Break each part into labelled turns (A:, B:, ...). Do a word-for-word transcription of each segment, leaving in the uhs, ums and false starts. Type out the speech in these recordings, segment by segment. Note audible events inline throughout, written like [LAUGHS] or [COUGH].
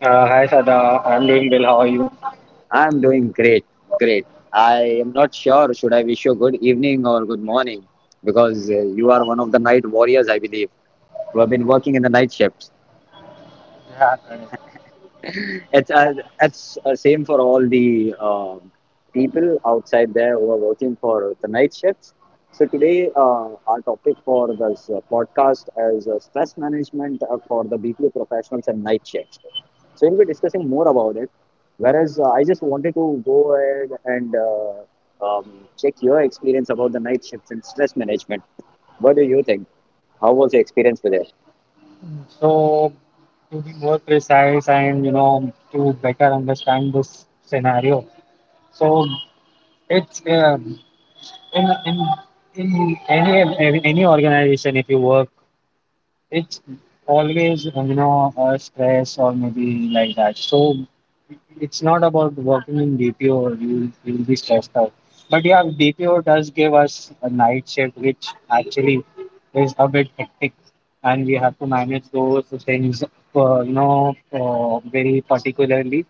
A: Uh, hi Sada, I'm doing well. How are you?
B: I'm doing great, great. I am not sure should I wish you good evening or good morning because uh, you are one of the night warriors, I believe, who have been working in the night shifts.
A: Yeah, correct.
B: It's uh, it's uh, same for all the uh, people outside there who are working for the night shifts. So today, uh, our topic for this uh, podcast is uh, stress management uh, for the B P O professionals and night shifts. So we'll be discussing more about it. Whereas uh, I just wanted to go ahead and uh, um, check your experience about the night shifts and stress management. What do you think? How was your experience with it?
A: So, to be more precise and you know to better understand this scenario, so it's um in in in any any organization if you work, it's always uh, you know uh, stress or maybe like that. So it's not about working in D P O or you you'll you'll be stressed out. But yeah, D P O does give us a night shift, which actually is a bit hectic, and we have to manage those things, uh, you know, uh, very particularly.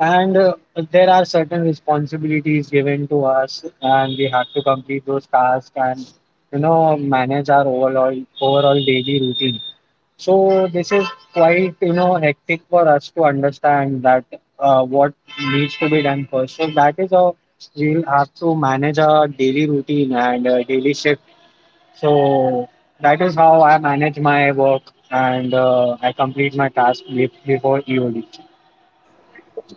A: And uh, there are certain responsibilities given to us, and we have to complete those tasks and you know manage our overall overall daily routine. So this is quite, you know, hectic for us to understand that uh, what needs to be done first. So that is how we'll have to manage our daily routine and uh, daily shift. So that is how I manage my work and uh, I complete my task be- before E O D.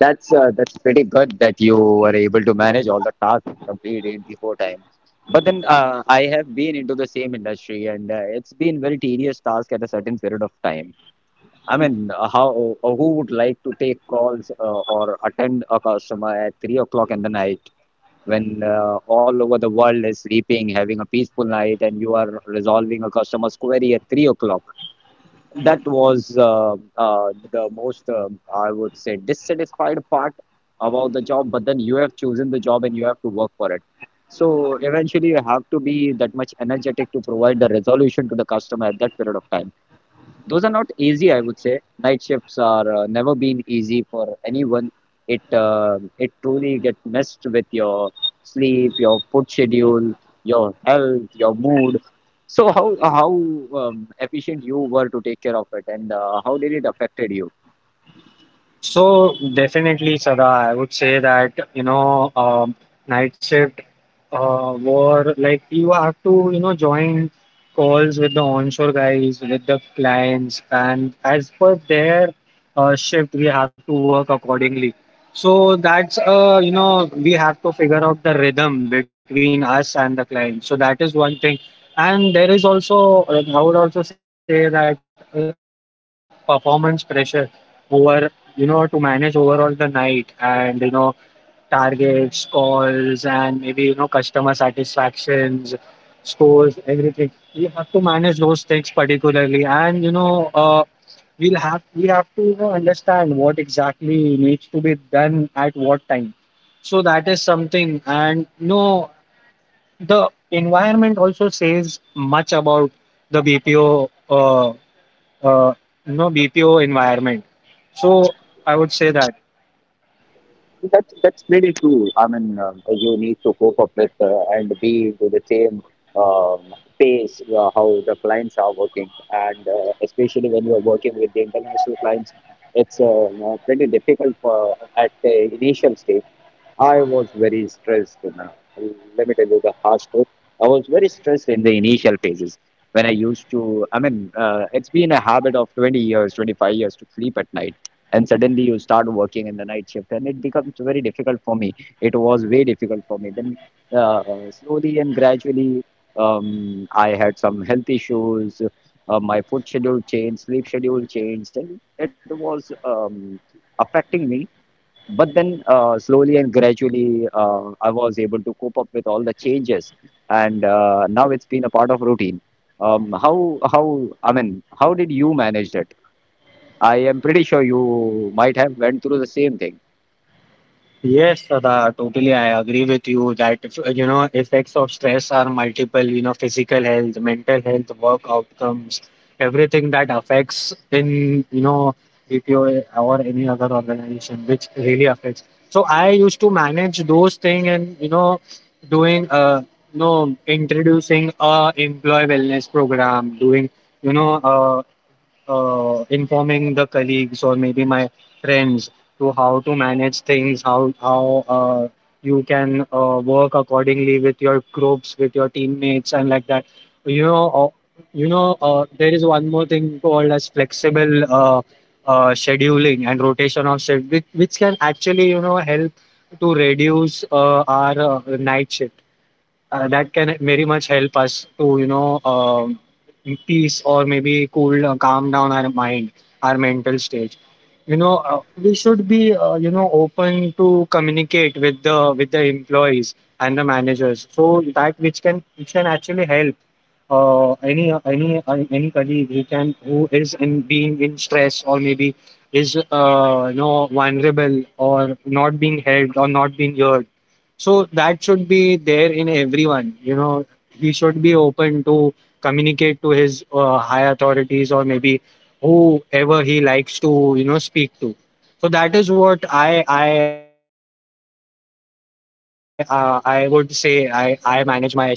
B: That's uh, that's pretty good that you were able to manage all the tasks and complete it before time. But then uh, I have been into the same industry, and uh, it's been very tedious task at a certain period of time. I mean, uh, how uh, who would like to take calls uh, or attend a customer at three o'clock in the night when uh, all over the world is sleeping, having a peaceful night, and you are resolving a customer's query at three o'clock? That was uh, uh, the most, um I would say, dissatisfied part about the job. But then you have chosen the job and you have to work for it. So eventually, you have to be that much energetic to provide the resolution to the customer at that period of time. Those are not easy, I would say. Night shifts are uh, never been easy for anyone. It uh, it truly get messed with your sleep, your food schedule, your health, your mood. So how how um, efficient you were to take care of it, and uh, how did it affected you?
A: So definitely, Sada, I would say that you know, um, night shift uh, war like you have to you know join calls with the onshore guys, with the clients, and as per their uh, shift, we have to work accordingly. So that's uh, you know we have to figure out the rhythm between us and the client. So that is one thing, and there is also uh, I would also say that uh, performance pressure over you know, to manage overall the night and, you know, targets, calls, and maybe, you know, customer satisfactions, scores, everything. We have to manage those things particularly. And, you know, uh, we'll have, we have to, you know, understand what exactly needs to be done at what time. So that is something. And, you know, the environment also says much about the B P O. Uh, uh, you know B P O environment. So I would say that
B: That's that's really true. I mean, um, you need to cope up with uh, and be to the same um, pace uh, how the clients are working, and uh, especially when you are working with the international clients, it's uh, uh, pretty difficult for, at the initial stage. I was very stressed. You know. Let me tell you the harsh truth. I was very stressed in the initial phases when I used to, I mean, uh, it's been a habit of twenty years, twenty-five years to sleep at night. And suddenly you start working in the night shift, and it becomes very difficult for me. It was very difficult for me. Then uh, slowly and gradually, um, I had some health issues. Uh, my food schedule changed, sleep schedule changed, and it was um, affecting me, but then, uh, slowly and gradually, uh, I was able to cope up with all the changes, and uh, now it's been a part of routine. Um, how how I mean, how did you manage it? I am pretty sure you might have went through the same thing.
A: yes, Sada, totally I agree with you that if, uh, you know effects of stress are multiple. You know, physical health, mental health, work outcomes, everything that affects in you know B P O or any other organization, which really affects. So I used to manage those things and you know doing uh you know introducing a employee wellness program, doing you know uh, uh, informing the colleagues or maybe my friends to how to manage things, how how uh, you can uh, work accordingly with your groups, with your teammates, and like that. You know, uh, you know, uh, there is one more thing called as flexible uh, uh, scheduling and rotation of shift, which, which can actually you know help to reduce uh, our uh, night shift, uh, that can very much help us to you know um, peace or maybe cool uh, calm down our mind, our mental state. You know uh, we should be uh, you know open to communicate with the with the employees and the managers, so that which can which can actually help uh, any any any colleague who can who is in being in stress or maybe is uh, you know vulnerable or not being helped or not being heard, so that should be there in everyone. You know he should be open to communicate to his uh, high authorities or maybe whoever he likes to you know speak to. So that is what i i uh, i would say i i manage my stress, uh, stress management over this.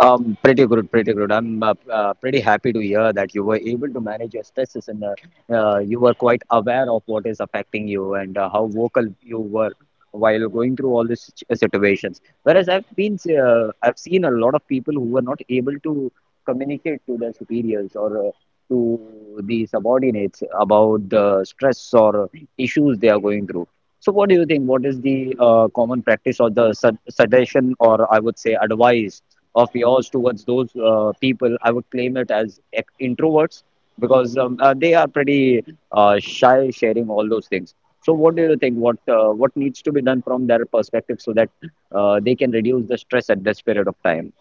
B: Um, pretty good, pretty good. I'm uh, uh, pretty happy to hear that you were able to manage your stresses and uh, uh, you were quite aware of what is affecting you and uh, how vocal you were while going through all these situ- situations. Whereas I've been, uh, I've seen a lot of people who were not able to communicate to their superiors or uh, to the subordinates about the stress or issues they are going through. So, what do you think? What is the uh, common practice or the sug suggestion, or I would say advice of yours towards those uh, people, I would claim it as ec- introverts because um, uh, they are pretty uh, shy sharing all those things. So, what do you think? What uh, what needs to be done from their perspective so that uh, they can reduce the stress at this period of time?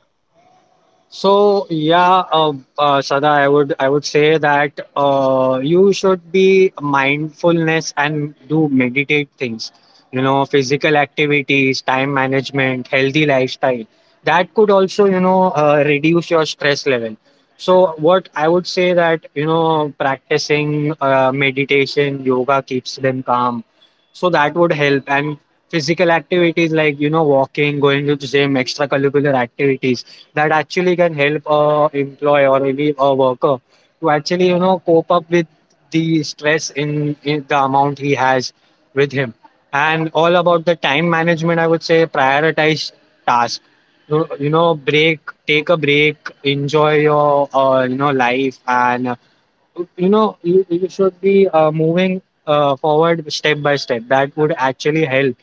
A: So yeah, uh, uh, Sada, I would I would say that uh, you should be mindfulness and do meditate things. You know, physical activities, time management, healthy lifestyle. That could also you know uh, reduce your stress level. So what I would say that you know practicing uh, meditation, yoga keeps them calm. So that would help, and physical activities like you know walking, going to the gym, extracurricular activities that actually can help a employee or maybe a worker to actually you know cope up with the stress in, in the amount he has with him. And all about the time management, I would say prioritize task. You, you know break, take a break, enjoy your uh, you know life, and uh, you know you, you should be uh, moving uh, forward step by step. That would actually help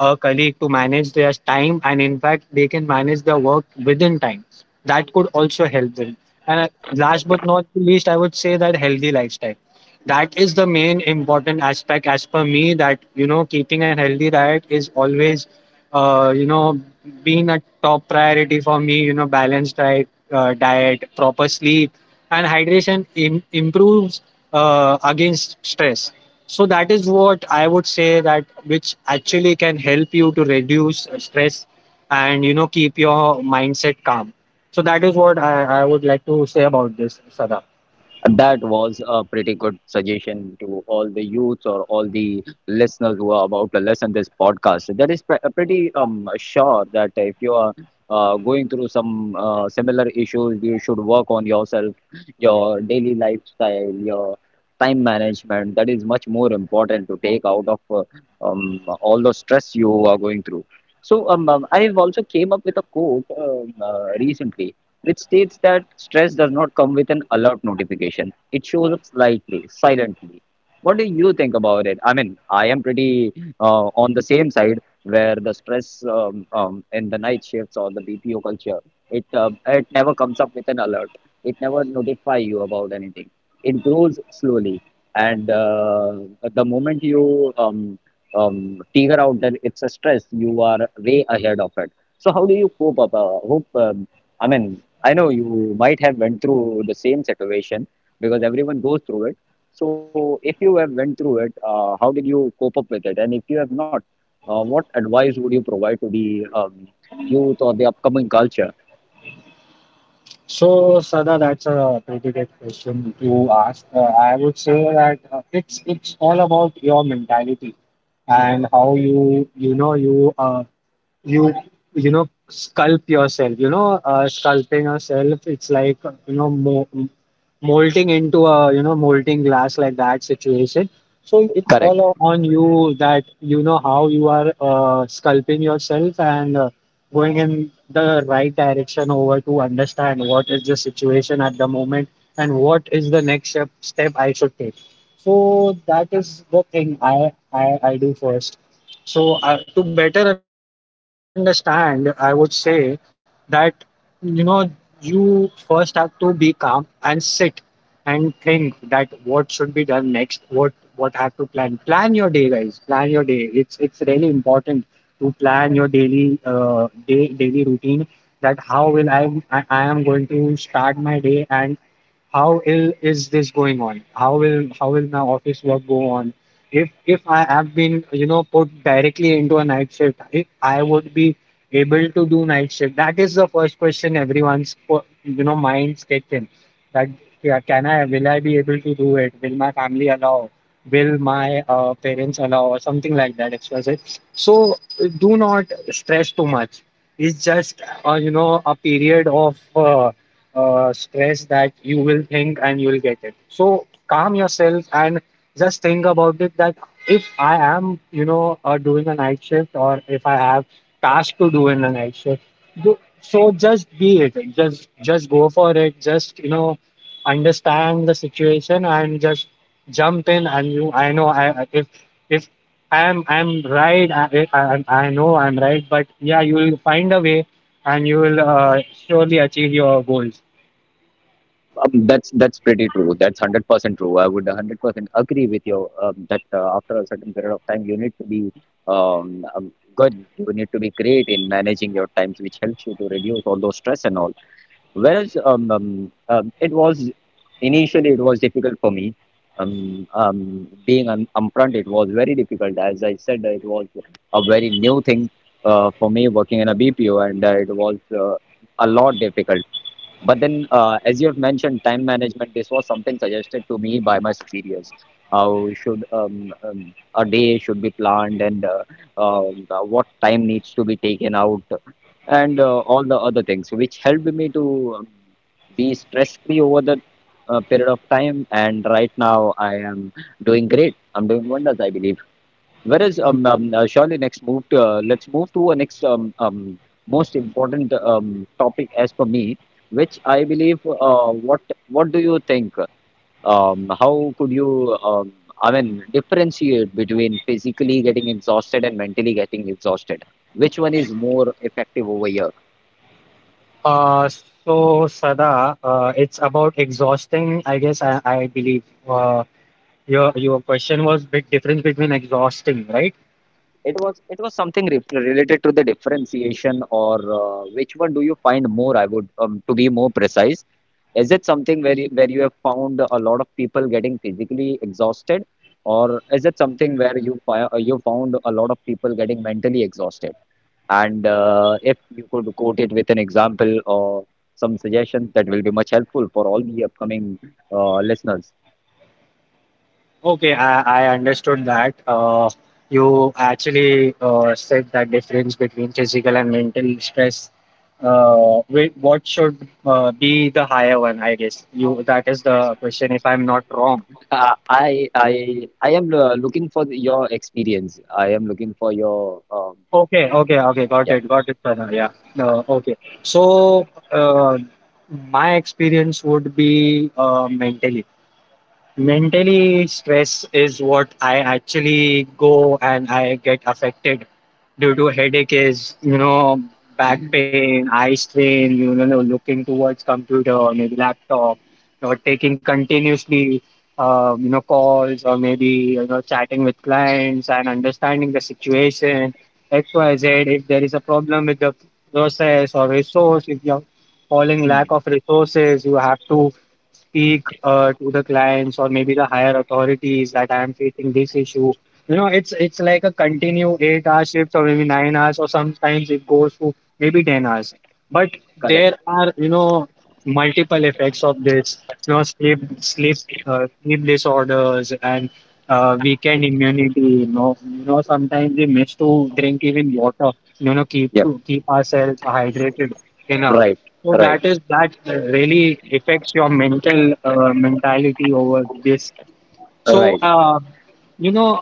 A: a colleague to manage their time, and in fact they can manage their work within time. That could also help them. And uh, last but not least, I would say that healthy lifestyle, that is the main important aspect as per me. That you know keeping a healthy diet is always uh, you know being a top priority for me. You know balanced diet, uh, diet, proper sleep and hydration Im- improves uh, against stress. So that is what I would say, that which actually can help you to reduce stress and you know keep your mindset calm. So that is what i, I would like to say about this, Sada.
B: That was a pretty good suggestion to all the youths or all the listeners who are about to listen this podcast. That is pre- pretty um sure that if you are uh, going through some uh, similar issues, you should work on yourself, your daily lifestyle, your time management. That is much more important to take out of uh, um, all the stress you are going through. So um, um, I have also came up with a quote um, uh, recently which states that stress does not come with an alert notification. It shows up slightly, silently. What do you think about it? I mean, I am pretty uh, on the same side where the stress um, um, in the night shifts or the B P O culture, it uh, it never comes up with an alert. It never notify you about anything. It grows slowly, and uh, the moment you um, um, figure out that it's a stress, you are way ahead of it. So how do you cope up? Uh, hope um, I mean, I know you might have went through the same situation because everyone goes through it. So if you have went through it, uh, how did you cope up with it? And if you have not, uh, what advice would you provide to the um, youth or the upcoming culture?
A: So Sada, that's a pretty good question you asked. uh, I would say that uh, it's it's all about your mentality and how you you know you uh, you you know sculpt yourself. You know uh, sculpting yourself it's like you know mo- molding into a you know molding glass, like that situation. So it's
B: Correct.
A: all o- on you that you know how you are uh, sculpting yourself and uh, going in the right direction, over to understand what is the situation at the moment and what is the next step, step I should take. So that is the thing i i, I do first. So uh, to better understand, I would say that you know you first have to be calm and sit and think that what should be done next, what what have to plan. Plan your day, guys. Plan your day. It's it's really important to plan your daily uh, day daily routine. That how will I I, I am going to start my day, and how ill is this going on? How will how will my office work go on? If if I have been you know put directly into a night shift, if I would be able to do night shift. That is the first question everyone's po- you know minds kick in. That yeah, can I, will I be able to do it? Will my family allow? Will my uh, parents allow or something like that? X Y Z. So do not stress too much. It's just uh, you know a period of uh, uh, stress that you will think and you will get it. So calm yourself and just think about it that if I am, you know, uh, doing a night shift or if I have tasks to do in a night shift, do, so just be it. Just just go for it. Just you know, understand the situation and just jump in. And you, I know, I I- if if I'm I'm right. I, I I I know I'm right, but yeah, you will find a way and you will uh, surely achieve your goals.
B: Um, that's that's pretty true. That's hundred percent true. I would hundred percent agree with you um, that uh, after a certain period of time, you need to be um, um, good. You need to be great in managing your times, which helps you to reduce all those stress and all. Whereas um, um, um, it was initially it was difficult for me. Um, um, being an upfront, it was very difficult. As I said, it was a very new thing uh, for me working in a B P O, and uh, it was uh, a lot difficult. But then, uh, as you have mentioned, time management, this was something suggested to me by my superiors. How should um, um, a day should be planned and uh, um, uh, what time needs to be taken out and uh, all the other things, which helped me to um, be stress-free over the uh, period of time. And right now, I am doing great. I'm doing wonders, I believe. Whereas um, um uh, surely next move to, uh, let's move to a next um, um most important um topic as per me, which I believe uh, what what do you think? Um, how could you um, I mean differentiate between physically getting exhausted and mentally getting exhausted? Which one is more effective over here?
A: Uh, so Sada, uh, it's about exhausting. I guess I, I believe uh, your your question was big difference between exhausting, right?
B: It was it was something re related to the differentiation or uh, which one do you find more? I would um, to be more precise. Is it something where you, where you have found a lot of people getting physically exhausted, or is it something where you fi uh, you found a lot of people getting mentally exhausted? And uh, if you could quote it with an example or some suggestions, that will be much helpful for all the upcoming uh, listeners.
A: Okay, I, I understood that. Uh, you actually uh, said that difference between physical and mental stress. Uh, whi- what should uh, be the higher one? I guess you that is the question, if I'm not wrong.
B: Uh, I I I am uh, looking for the, your experience. I am looking for your um
A: Okay, okay, okay. Got
B: yeah,
A: it, got it, Pranav. Yeah.
B: yeah.
A: No, okay. So, uh, my experience would be uh, mentally mentally stress is what I actually go and I get affected due to headache is, you know, back pain, eye strain, you know, no, looking towards computer maybe laptop, or taking continuously um, you know calls, or maybe you know chatting with clients and understanding the situation. X Y Z, if there is a problem with the process or resource, if you're falling
B: Mm,
A: lack of resources, you have to speak uh, to the clients or maybe the higher authorities that I am facing this issue. You know, it's it's like a continue eight hour shift or maybe nine hours, or sometimes it goes to maybe ten hours. But
B: correct.
A: there are you know multiple effects of this. You know, sleep sleep uh, sleep disorders and uh, weekend immunity. You know, you know sometimes we miss to drink even water. You know, keep
B: Yep.
A: to keep ourselves hydrated enough.
B: Right.
A: So
B: Right.
A: that is that really affects your mental, uh, mentality over this. So
B: Right.
A: uh, you know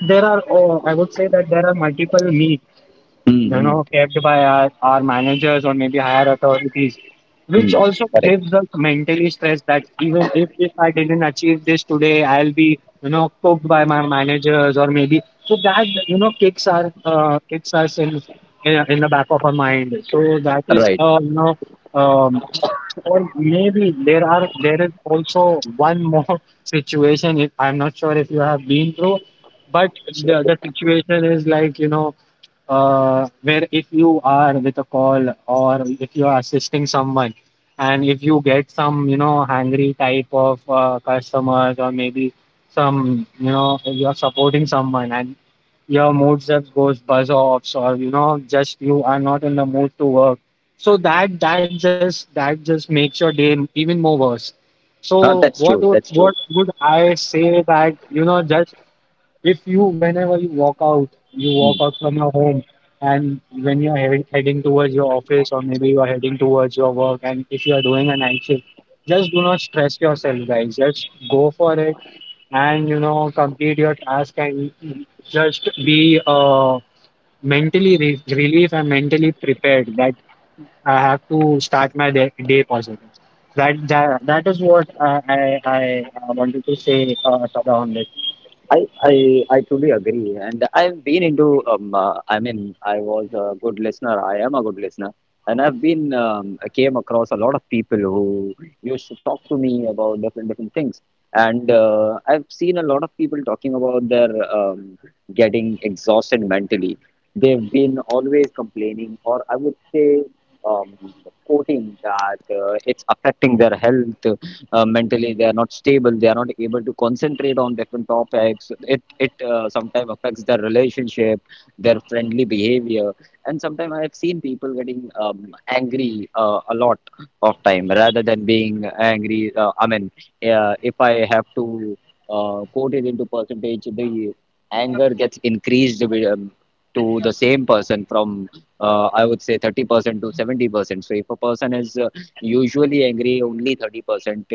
A: there are oh, I would say that there are multiple needs
B: Mm,
A: you know
B: mm,
A: kept by our, our managers or maybe higher authorities, which
B: mm,
A: also
B: correct.
A: gives us mentally stress, that even if, if I didn't achieve this today, I'll be you know cooked by my managers or maybe. So that you know kicks our uh, kicks us in in in the back of our mind. So that is
B: Right.
A: uh, you know. Um, or maybe there are there is also one more [LAUGHS] situation. If I'm not sure if you have been through, but
B: Sure.
A: the the situation is like you know, uh, where if you are with a call or if you are assisting someone, and if you get some you know hungry type of uh, customers, or maybe some you know if you are supporting someone and your mood just goes buzz offs, or you know just you are not in the mood to work. So that that just that just makes your day even more worse. So
B: Uh, that's
A: what
B: true,
A: would-
B: that's true.
A: what would I say that you know just if you, whenever you walk out, you walk
B: Hmm.
A: out from your home and when you're heading, heading towards your office, or maybe you are heading towards your work, and if you are doing a night shift, just do not stress yourself, guys, just go for it. And you know complete your task and just be uh mentally re- relief and mentally prepared that I have to start my day, day positive. That, that that is what I I, I uh, wanted to say, uh, Sada, on this.
B: I, I I truly agree, and I've been into um uh, I mean I was a good listener. I am a good listener, and I've been um, I came across a lot of people who used to talk to me about different different things, and uh, I've seen a lot of people talking about their um, getting exhausted mentally. They've been always complaining, or I would say um, quoting that uh, it's affecting their health uh, mentally they are not stable, they are not able to concentrate on different topics. It it uh, sometimes affects their relationship, their friendly behavior, and sometimes I have seen people getting um, angry uh, a lot of time rather than being angry. uh, I mean, uh, if I have to uh, quote it into percentage, the anger gets increased with, um, to the same person, from uh, I would say thirty percent to seventy percent. So if a person is uh, usually angry only thirty percent,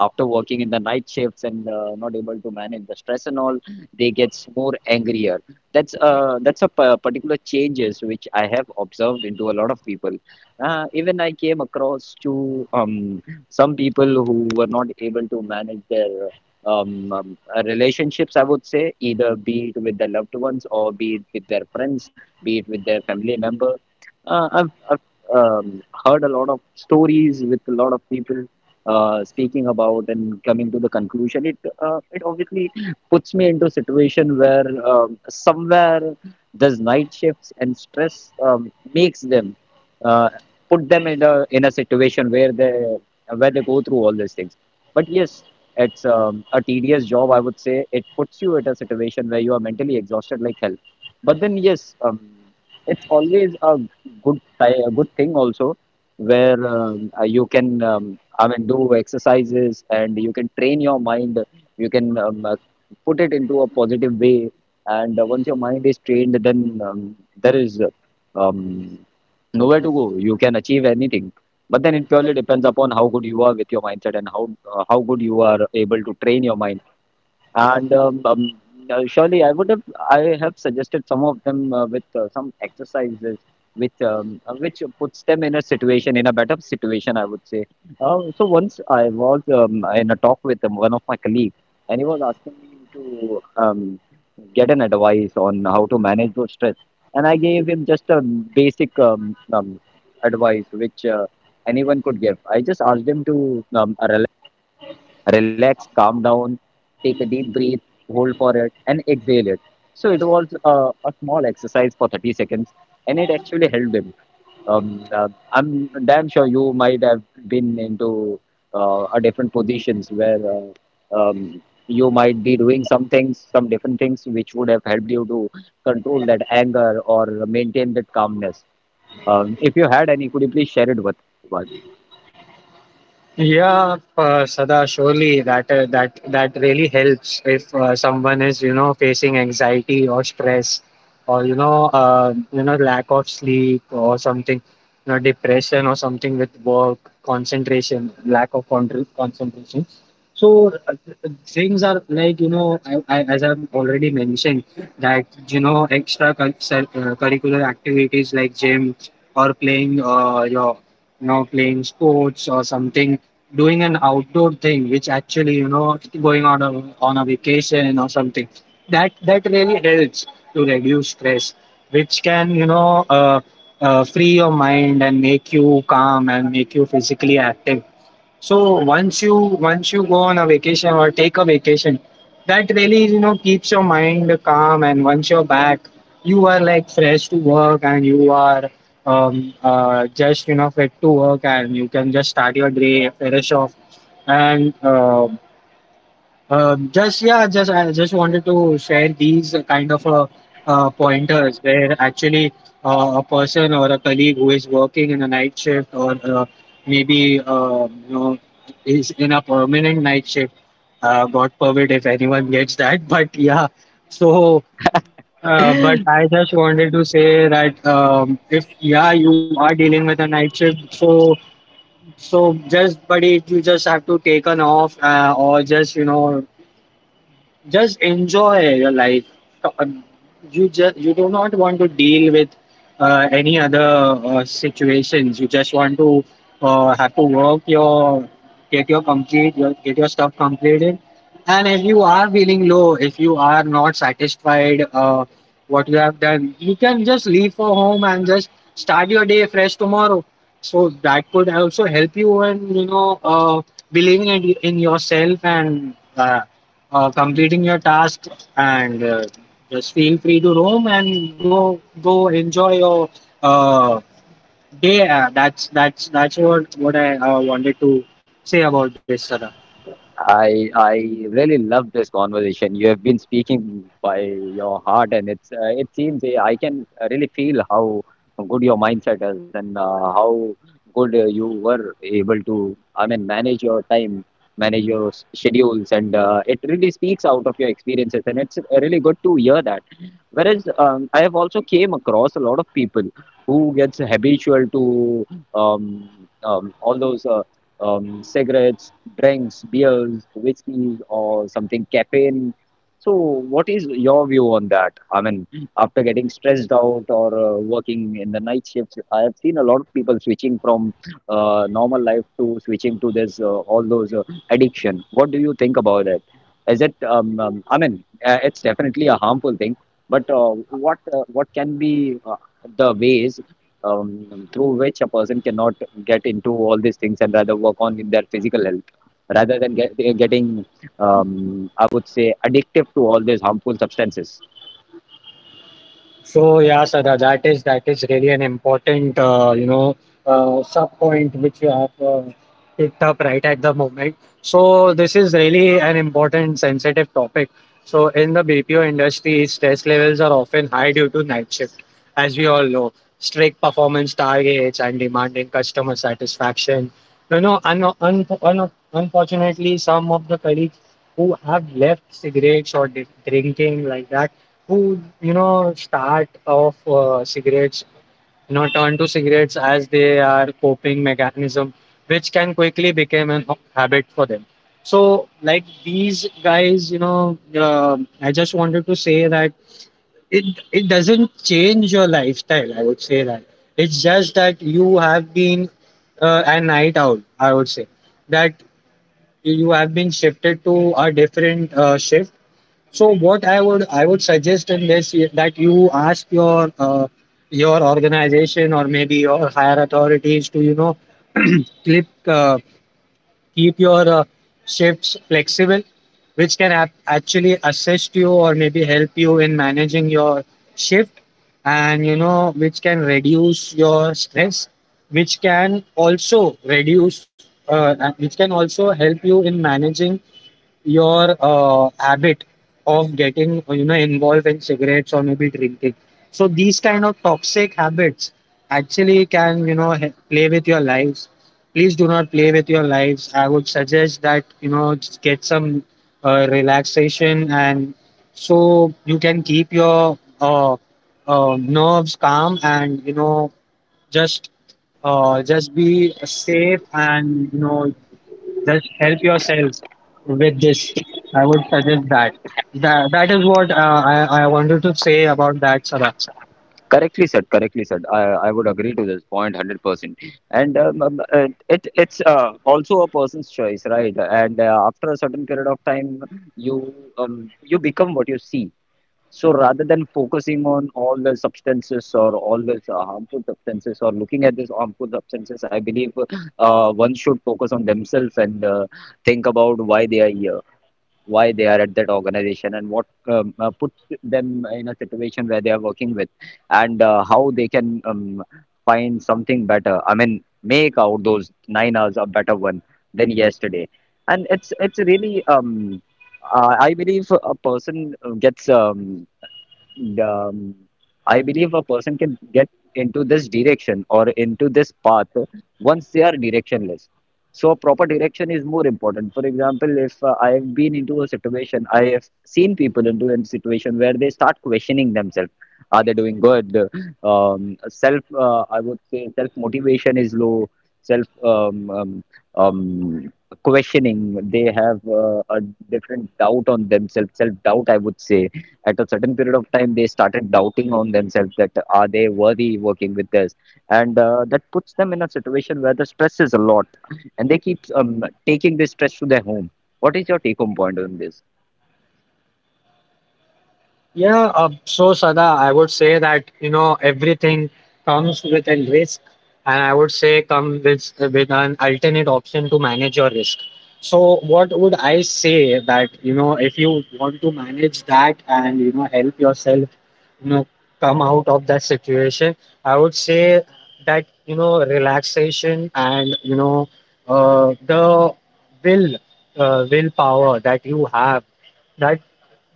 B: after working in the night shifts and uh, not able to manage the stress and all, they gets more angrier. That's uh, that's a pa- particular changes which I have observed into a lot of people. Uh, even I came across to um, some people who were not able to manage their um, um, uh, relationships, I would say, either be it with their loved ones or be it with their friends, be it with their family member. Uh, I've, I've um, heard a lot of stories with a lot of people uh, speaking about and coming to the conclusion, it uh, it obviously puts me into a situation where um, somewhere these night shifts and stress um, makes them uh, put them in a in a situation where they where they go through all these things. But yes, it's um, a tedious job, I would say. It puts you at a situation where you are mentally exhausted like hell. But then yes, um, it's always a good ti- a good thing also where um, uh, you can um, I mean, do exercises and you can train your mind. You can um, uh, put it into a positive way. And uh, once your mind is trained, then um, there is uh, um, nowhere to go. You can achieve anything. But then it purely depends upon how good you are with your mindset and how uh, how good you are able to train your mind and um, um, uh, surely I would have I have suggested some of them uh, with uh, some exercises which um, uh, which puts them in a situation in a better situation, I would say. Uh, so once I was um, in a talk with um, one of my colleagues and he was asking me to um, get an advice on how to manage those stress, and I gave him just a basic um, um, advice which uh, anyone could give. I just asked him to um, relax, calm down, take a deep breath, hold for it, and exhale it. So it was uh, a small exercise for thirty seconds, and it actually helped him. Um, uh, I'm damn sure you might have been into uh, a different positions where uh, um, you might be doing some things, some different things which would have helped you to control that anger or maintain that calmness. Um, if you had any, could you please share it with us?
A: Yeah, uh, Sada, surely that uh, that that really helps if uh, someone is you know facing anxiety or stress, or you know uh, you know lack of sleep or something, you know depression or something with work concentration, lack of con- concentration. So uh, uh, things are like you know I, I, as I've already mentioned that you know extra cur- cir- uh, curricular activities like gym or playing uh, your you know, playing sports or something, doing an outdoor thing, which actually, you know, going on a on a vacation or something. That that really helps to reduce stress, which can, you know, uh, uh, free your mind and make you calm and make you physically active. So once you once you go on a vacation or take a vacation, that really you know keeps your mind calm. And once you're back, you are like fresh to work, and you are um, uh, just you know fit to work, and you can just start your day fresh off. And uh, um, just yeah, just I just wanted to share these kind of uh, uh, pointers where actually uh, a person or a colleague who is working in a night shift, or uh, maybe uh, you know is in a permanent night shift. Uh, God forbid if anyone gets that, [LAUGHS] but yeah. So, uh, but I just wanted to say that um, if yeah you are dealing with a night shift, so so just buddy, you just have to take an off, uh, or just you know just enjoy your life. Uh, You just you do not want to deal with uh, any other uh, situations. You just want to uh, have to work your get your complete your, get your stuff completed. And if you are feeling low, if you are not satisfied, uh, what you have done, you can just leave for home and just start your day fresh tomorrow. So that could also help you, and you know uh, believing in in yourself, and uh, uh, completing your task, and uh, just feel free to roam and go go enjoy your uh, day. Uh, that's that's that's what what I, uh, wanted to say about this, Sarah.
B: I I really love this conversation. You have been speaking by your heart, and it's uh, it seems uh, I can really feel how good your mindset is, and uh, how good uh, you were able to, I mean, manage your time, manage your s- schedules, and uh, it really speaks out of your experiences, and it's really good to hear that. Whereas um, I have also came across a lot of people who gets habitual to um, um, all those, uh, um, cigarettes, drinks, beers, whiskey, or something caffeine. So, what is your view on that? I mean, after getting stressed out or uh, working in the night shifts, I have seen a lot of people switching from uh, normal life to switching to this, uh, all those uh, addiction. What do you think about it? Is it? Um, um, I mean, uh, it's definitely a harmful thing. But uh, what uh, what can be uh, the ways um, through which a person cannot get into all these things and rather work on in their physical health rather than get, eh, getting, um, I would say, addictive to all these harmful substances.
A: So yeah, Sada, that is that is really an important, uh, you know uh, sub point which you have uh, picked up right at the moment. So this is really an important sensitive topic. So in the B P O industry, stress levels are often high due to night shift, as we all know, strict performance targets and demanding customer satisfaction. You know, un un un unfortunately, some of the colleagues who have left cigarettes or di- drinking, like that, who you know start off, uh, cigarettes, you know turn to cigarettes as they are coping mechanism, which can quickly become an ho- habit for them. So like these guys, you know uh, I just wanted to say that it it doesn't change your lifestyle. I would say that it's just that you have been uh, a night owl, I would say, that you have been shifted to a different, uh, shift. So what I would I would suggest in this, i- that you ask your, uh, your organization or maybe your higher authorities, to you know [CLEARS THROAT] clip uh, keep your, uh, shifts flexible, which can ap- actually assist you, or maybe help you in managing your shift, and you know which can reduce your stress, which can also reduce, uh, uh, which can also help you in managing your, uh, habit of getting, uh, you know involved in cigarettes or maybe drinking. So these kind of toxic habits actually can, you know he- play with your lives. Please do not play with your lives. I would suggest that, you know just get some, uh, relaxation, and so you can keep your, uh, uh, nerves calm, and you know just, uh, just be safe, and you know just help yourself with this. I would suggest that. That, that is what, uh, I, I wanted to say about that, Sara.
B: Correctly said, correctly said. I, I would agree to this point one hundred percent. And um, um, uh, it, it's uh, also a person's choice, right? And uh, after a certain period of time, you um, you become what you see. So rather than focusing on all the substances or all the uh, harmful substances or looking at these harmful substances, I believe uh, one should focus on themselves and uh, think about why they are here, why they are at that organization, and what um, uh, puts them in a situation where they are working with, and uh, how they can um, find something better. I mean, make out those nine hours a better one than yesterday, and it's it's really um, uh, I believe a person uh, gets um, um, I believe a person can get into this direction or into this path once they are directionless. So, proper direction is more important. For example, if uh, I have been into a situation, I have seen people into a situation where they start questioning themselves. Are they doing good? Um, self, uh, I would say, self motivation is low. Self um, um, um, questioning, they have uh, a different doubt on themselves, self doubt, I would say. At a certain period of time, they started doubting on themselves that are they worthy working with this, and uh, that puts them in a situation where the stress is a lot, and they keep um, taking this stress to their home. What is your take home point on this?
A: Yeah, uh, so Sada, I would say that you know everything comes with a risk, and I would say come with with an alternate option to manage your risk. So what would I say that you know if you want to manage that and you know help yourself, you know come out of that situation, I would say that you know relaxation and you know uh, the will, uh, willpower that you have, that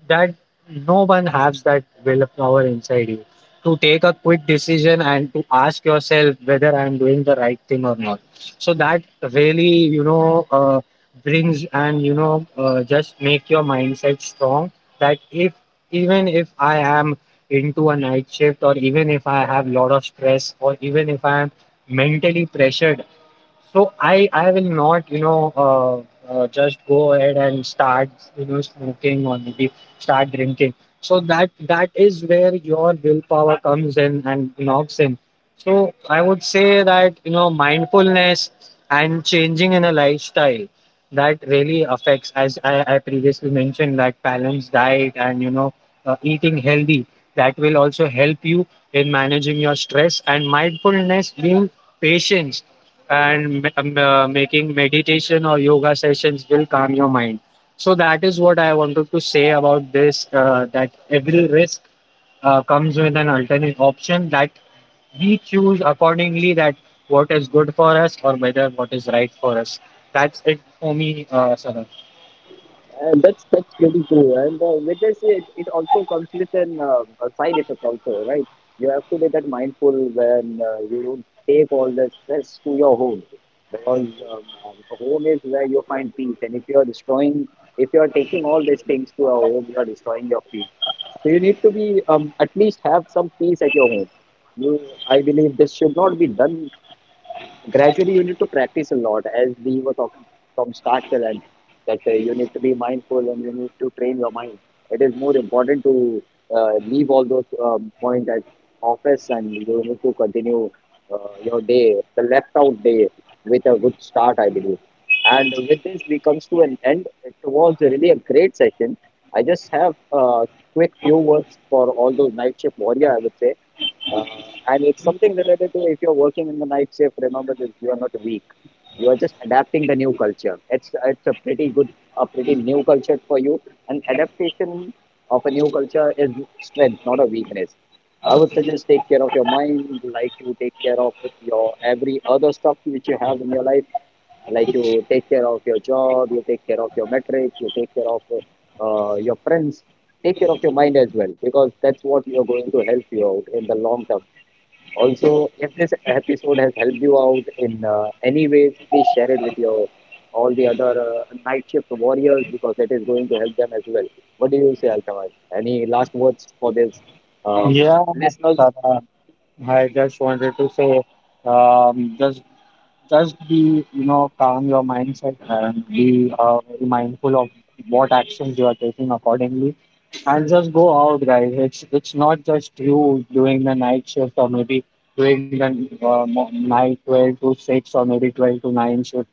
A: that no one has that willpower inside you to take a quick decision and to ask yourself whether I'm doing the right thing or not. So that really, you know, uh, brings, and you know, uh, just make your mindset strong. That if even if I am into a night shift, or even if I have lot of stress, or even if I am mentally pressured, so I I will not, you know, uh, uh, just go ahead and start, you know, smoking, or maybe start drinking. So that that is where your willpower comes in and knocks in. So I would say that, you know, mindfulness and changing in a lifestyle, that really affects, as I, I previously mentioned, that balanced diet, and, you know, uh, eating healthy. That will also help you in managing your stress, and mindfulness, being patient, and um, uh, making meditation or yoga sessions will calm your mind. So that is what I wanted to say about this. Uh, that every risk, uh, comes with an alternate option, that we choose accordingly. That what is good for us, or whether what is right for us. That's it for me, uh, Saran.
B: And that's that's pretty true. And uh, with this, it, it also comes with an uh, a side effect also, right? You have to be that mindful when uh, you don't take all the stress to your home, because um, um, home is where you find peace. And if you are destroying, if you are taking all these things to your home, you are destroying your peace. So you need to be um, at least have some peace at your home. You, I believe this should not be done gradually. You need to practice a lot, as we were talking, from start till end, that uh, you need to be mindful and you need to train your mind. It is more important to uh, leave all those um, points at office, and you need to continue uh, your day, the left out day, with a good start, I believe. And with this we comes to an end. It was really a great session. I just have a quick few words for all those night shift warrior, I would say. Uh, and it's something related to, if you're working in the night shift, remember this, you are not weak. You are just adapting the new culture. It's it's a pretty good, a pretty new culture for you. And adaptation of a new culture is strength, not a weakness. I would suggest take care of your mind, like you take care of your every other stuff which you have in your life, like you take care of your job, you take care of your metric, you take care of uh, your friends, take care of your mind as well, because that's what you're going to help you out in the long term. Also, if this episode has helped you out in uh, any ways, please share it with your all the other uh, night shift warriors, because that is going to help them as well. What do you say, Altamash? Any last words for this um,
A: Yeah,
B: listeners?
A: Saran. I just wanted to say, um, just just be, you know calm your mindset, and be, uh, very mindful of what actions you are taking accordingly, and just go out, guys. It's it's not just you doing the night shift, or maybe doing the, uh, mo- night twelve to six, or maybe twelve to nine shift.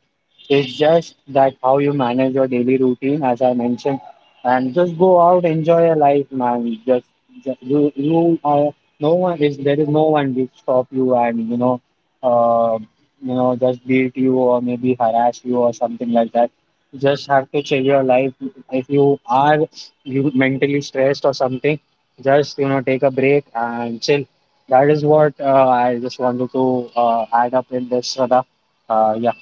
A: It's just that how you manage your daily routine, as I mentioned, and just go out, enjoy your life, man. Just, just you, you are, no one is, there is no one to stop you, and you know, uh, you know, just beat you, or maybe harass you, or something like that. You just have to chill your life. If you are you mentally stressed or something, just you know, take a break and chill. That is what, uh, I just wanted to, uh, add up in this, Radha. Uh, yeah.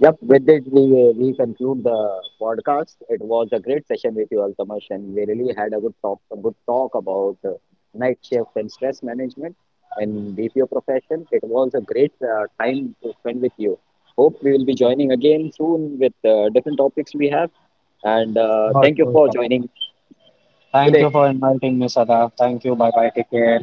B: Yep, with this we uh, we conclude the podcast. It was a great session with you, Altamash, and we really had a good talk a good talk about uh, night shift and stress management in B P O profession. It was a great uh, time to spend with you. Hope we will be joining again soon with uh, different topics we have. And uh,
A: Not
B: thank you
A: sure.
B: for joining
A: Thank you
B: today.
A: for inviting me, Sada. Thank you. Bye bye. Take care.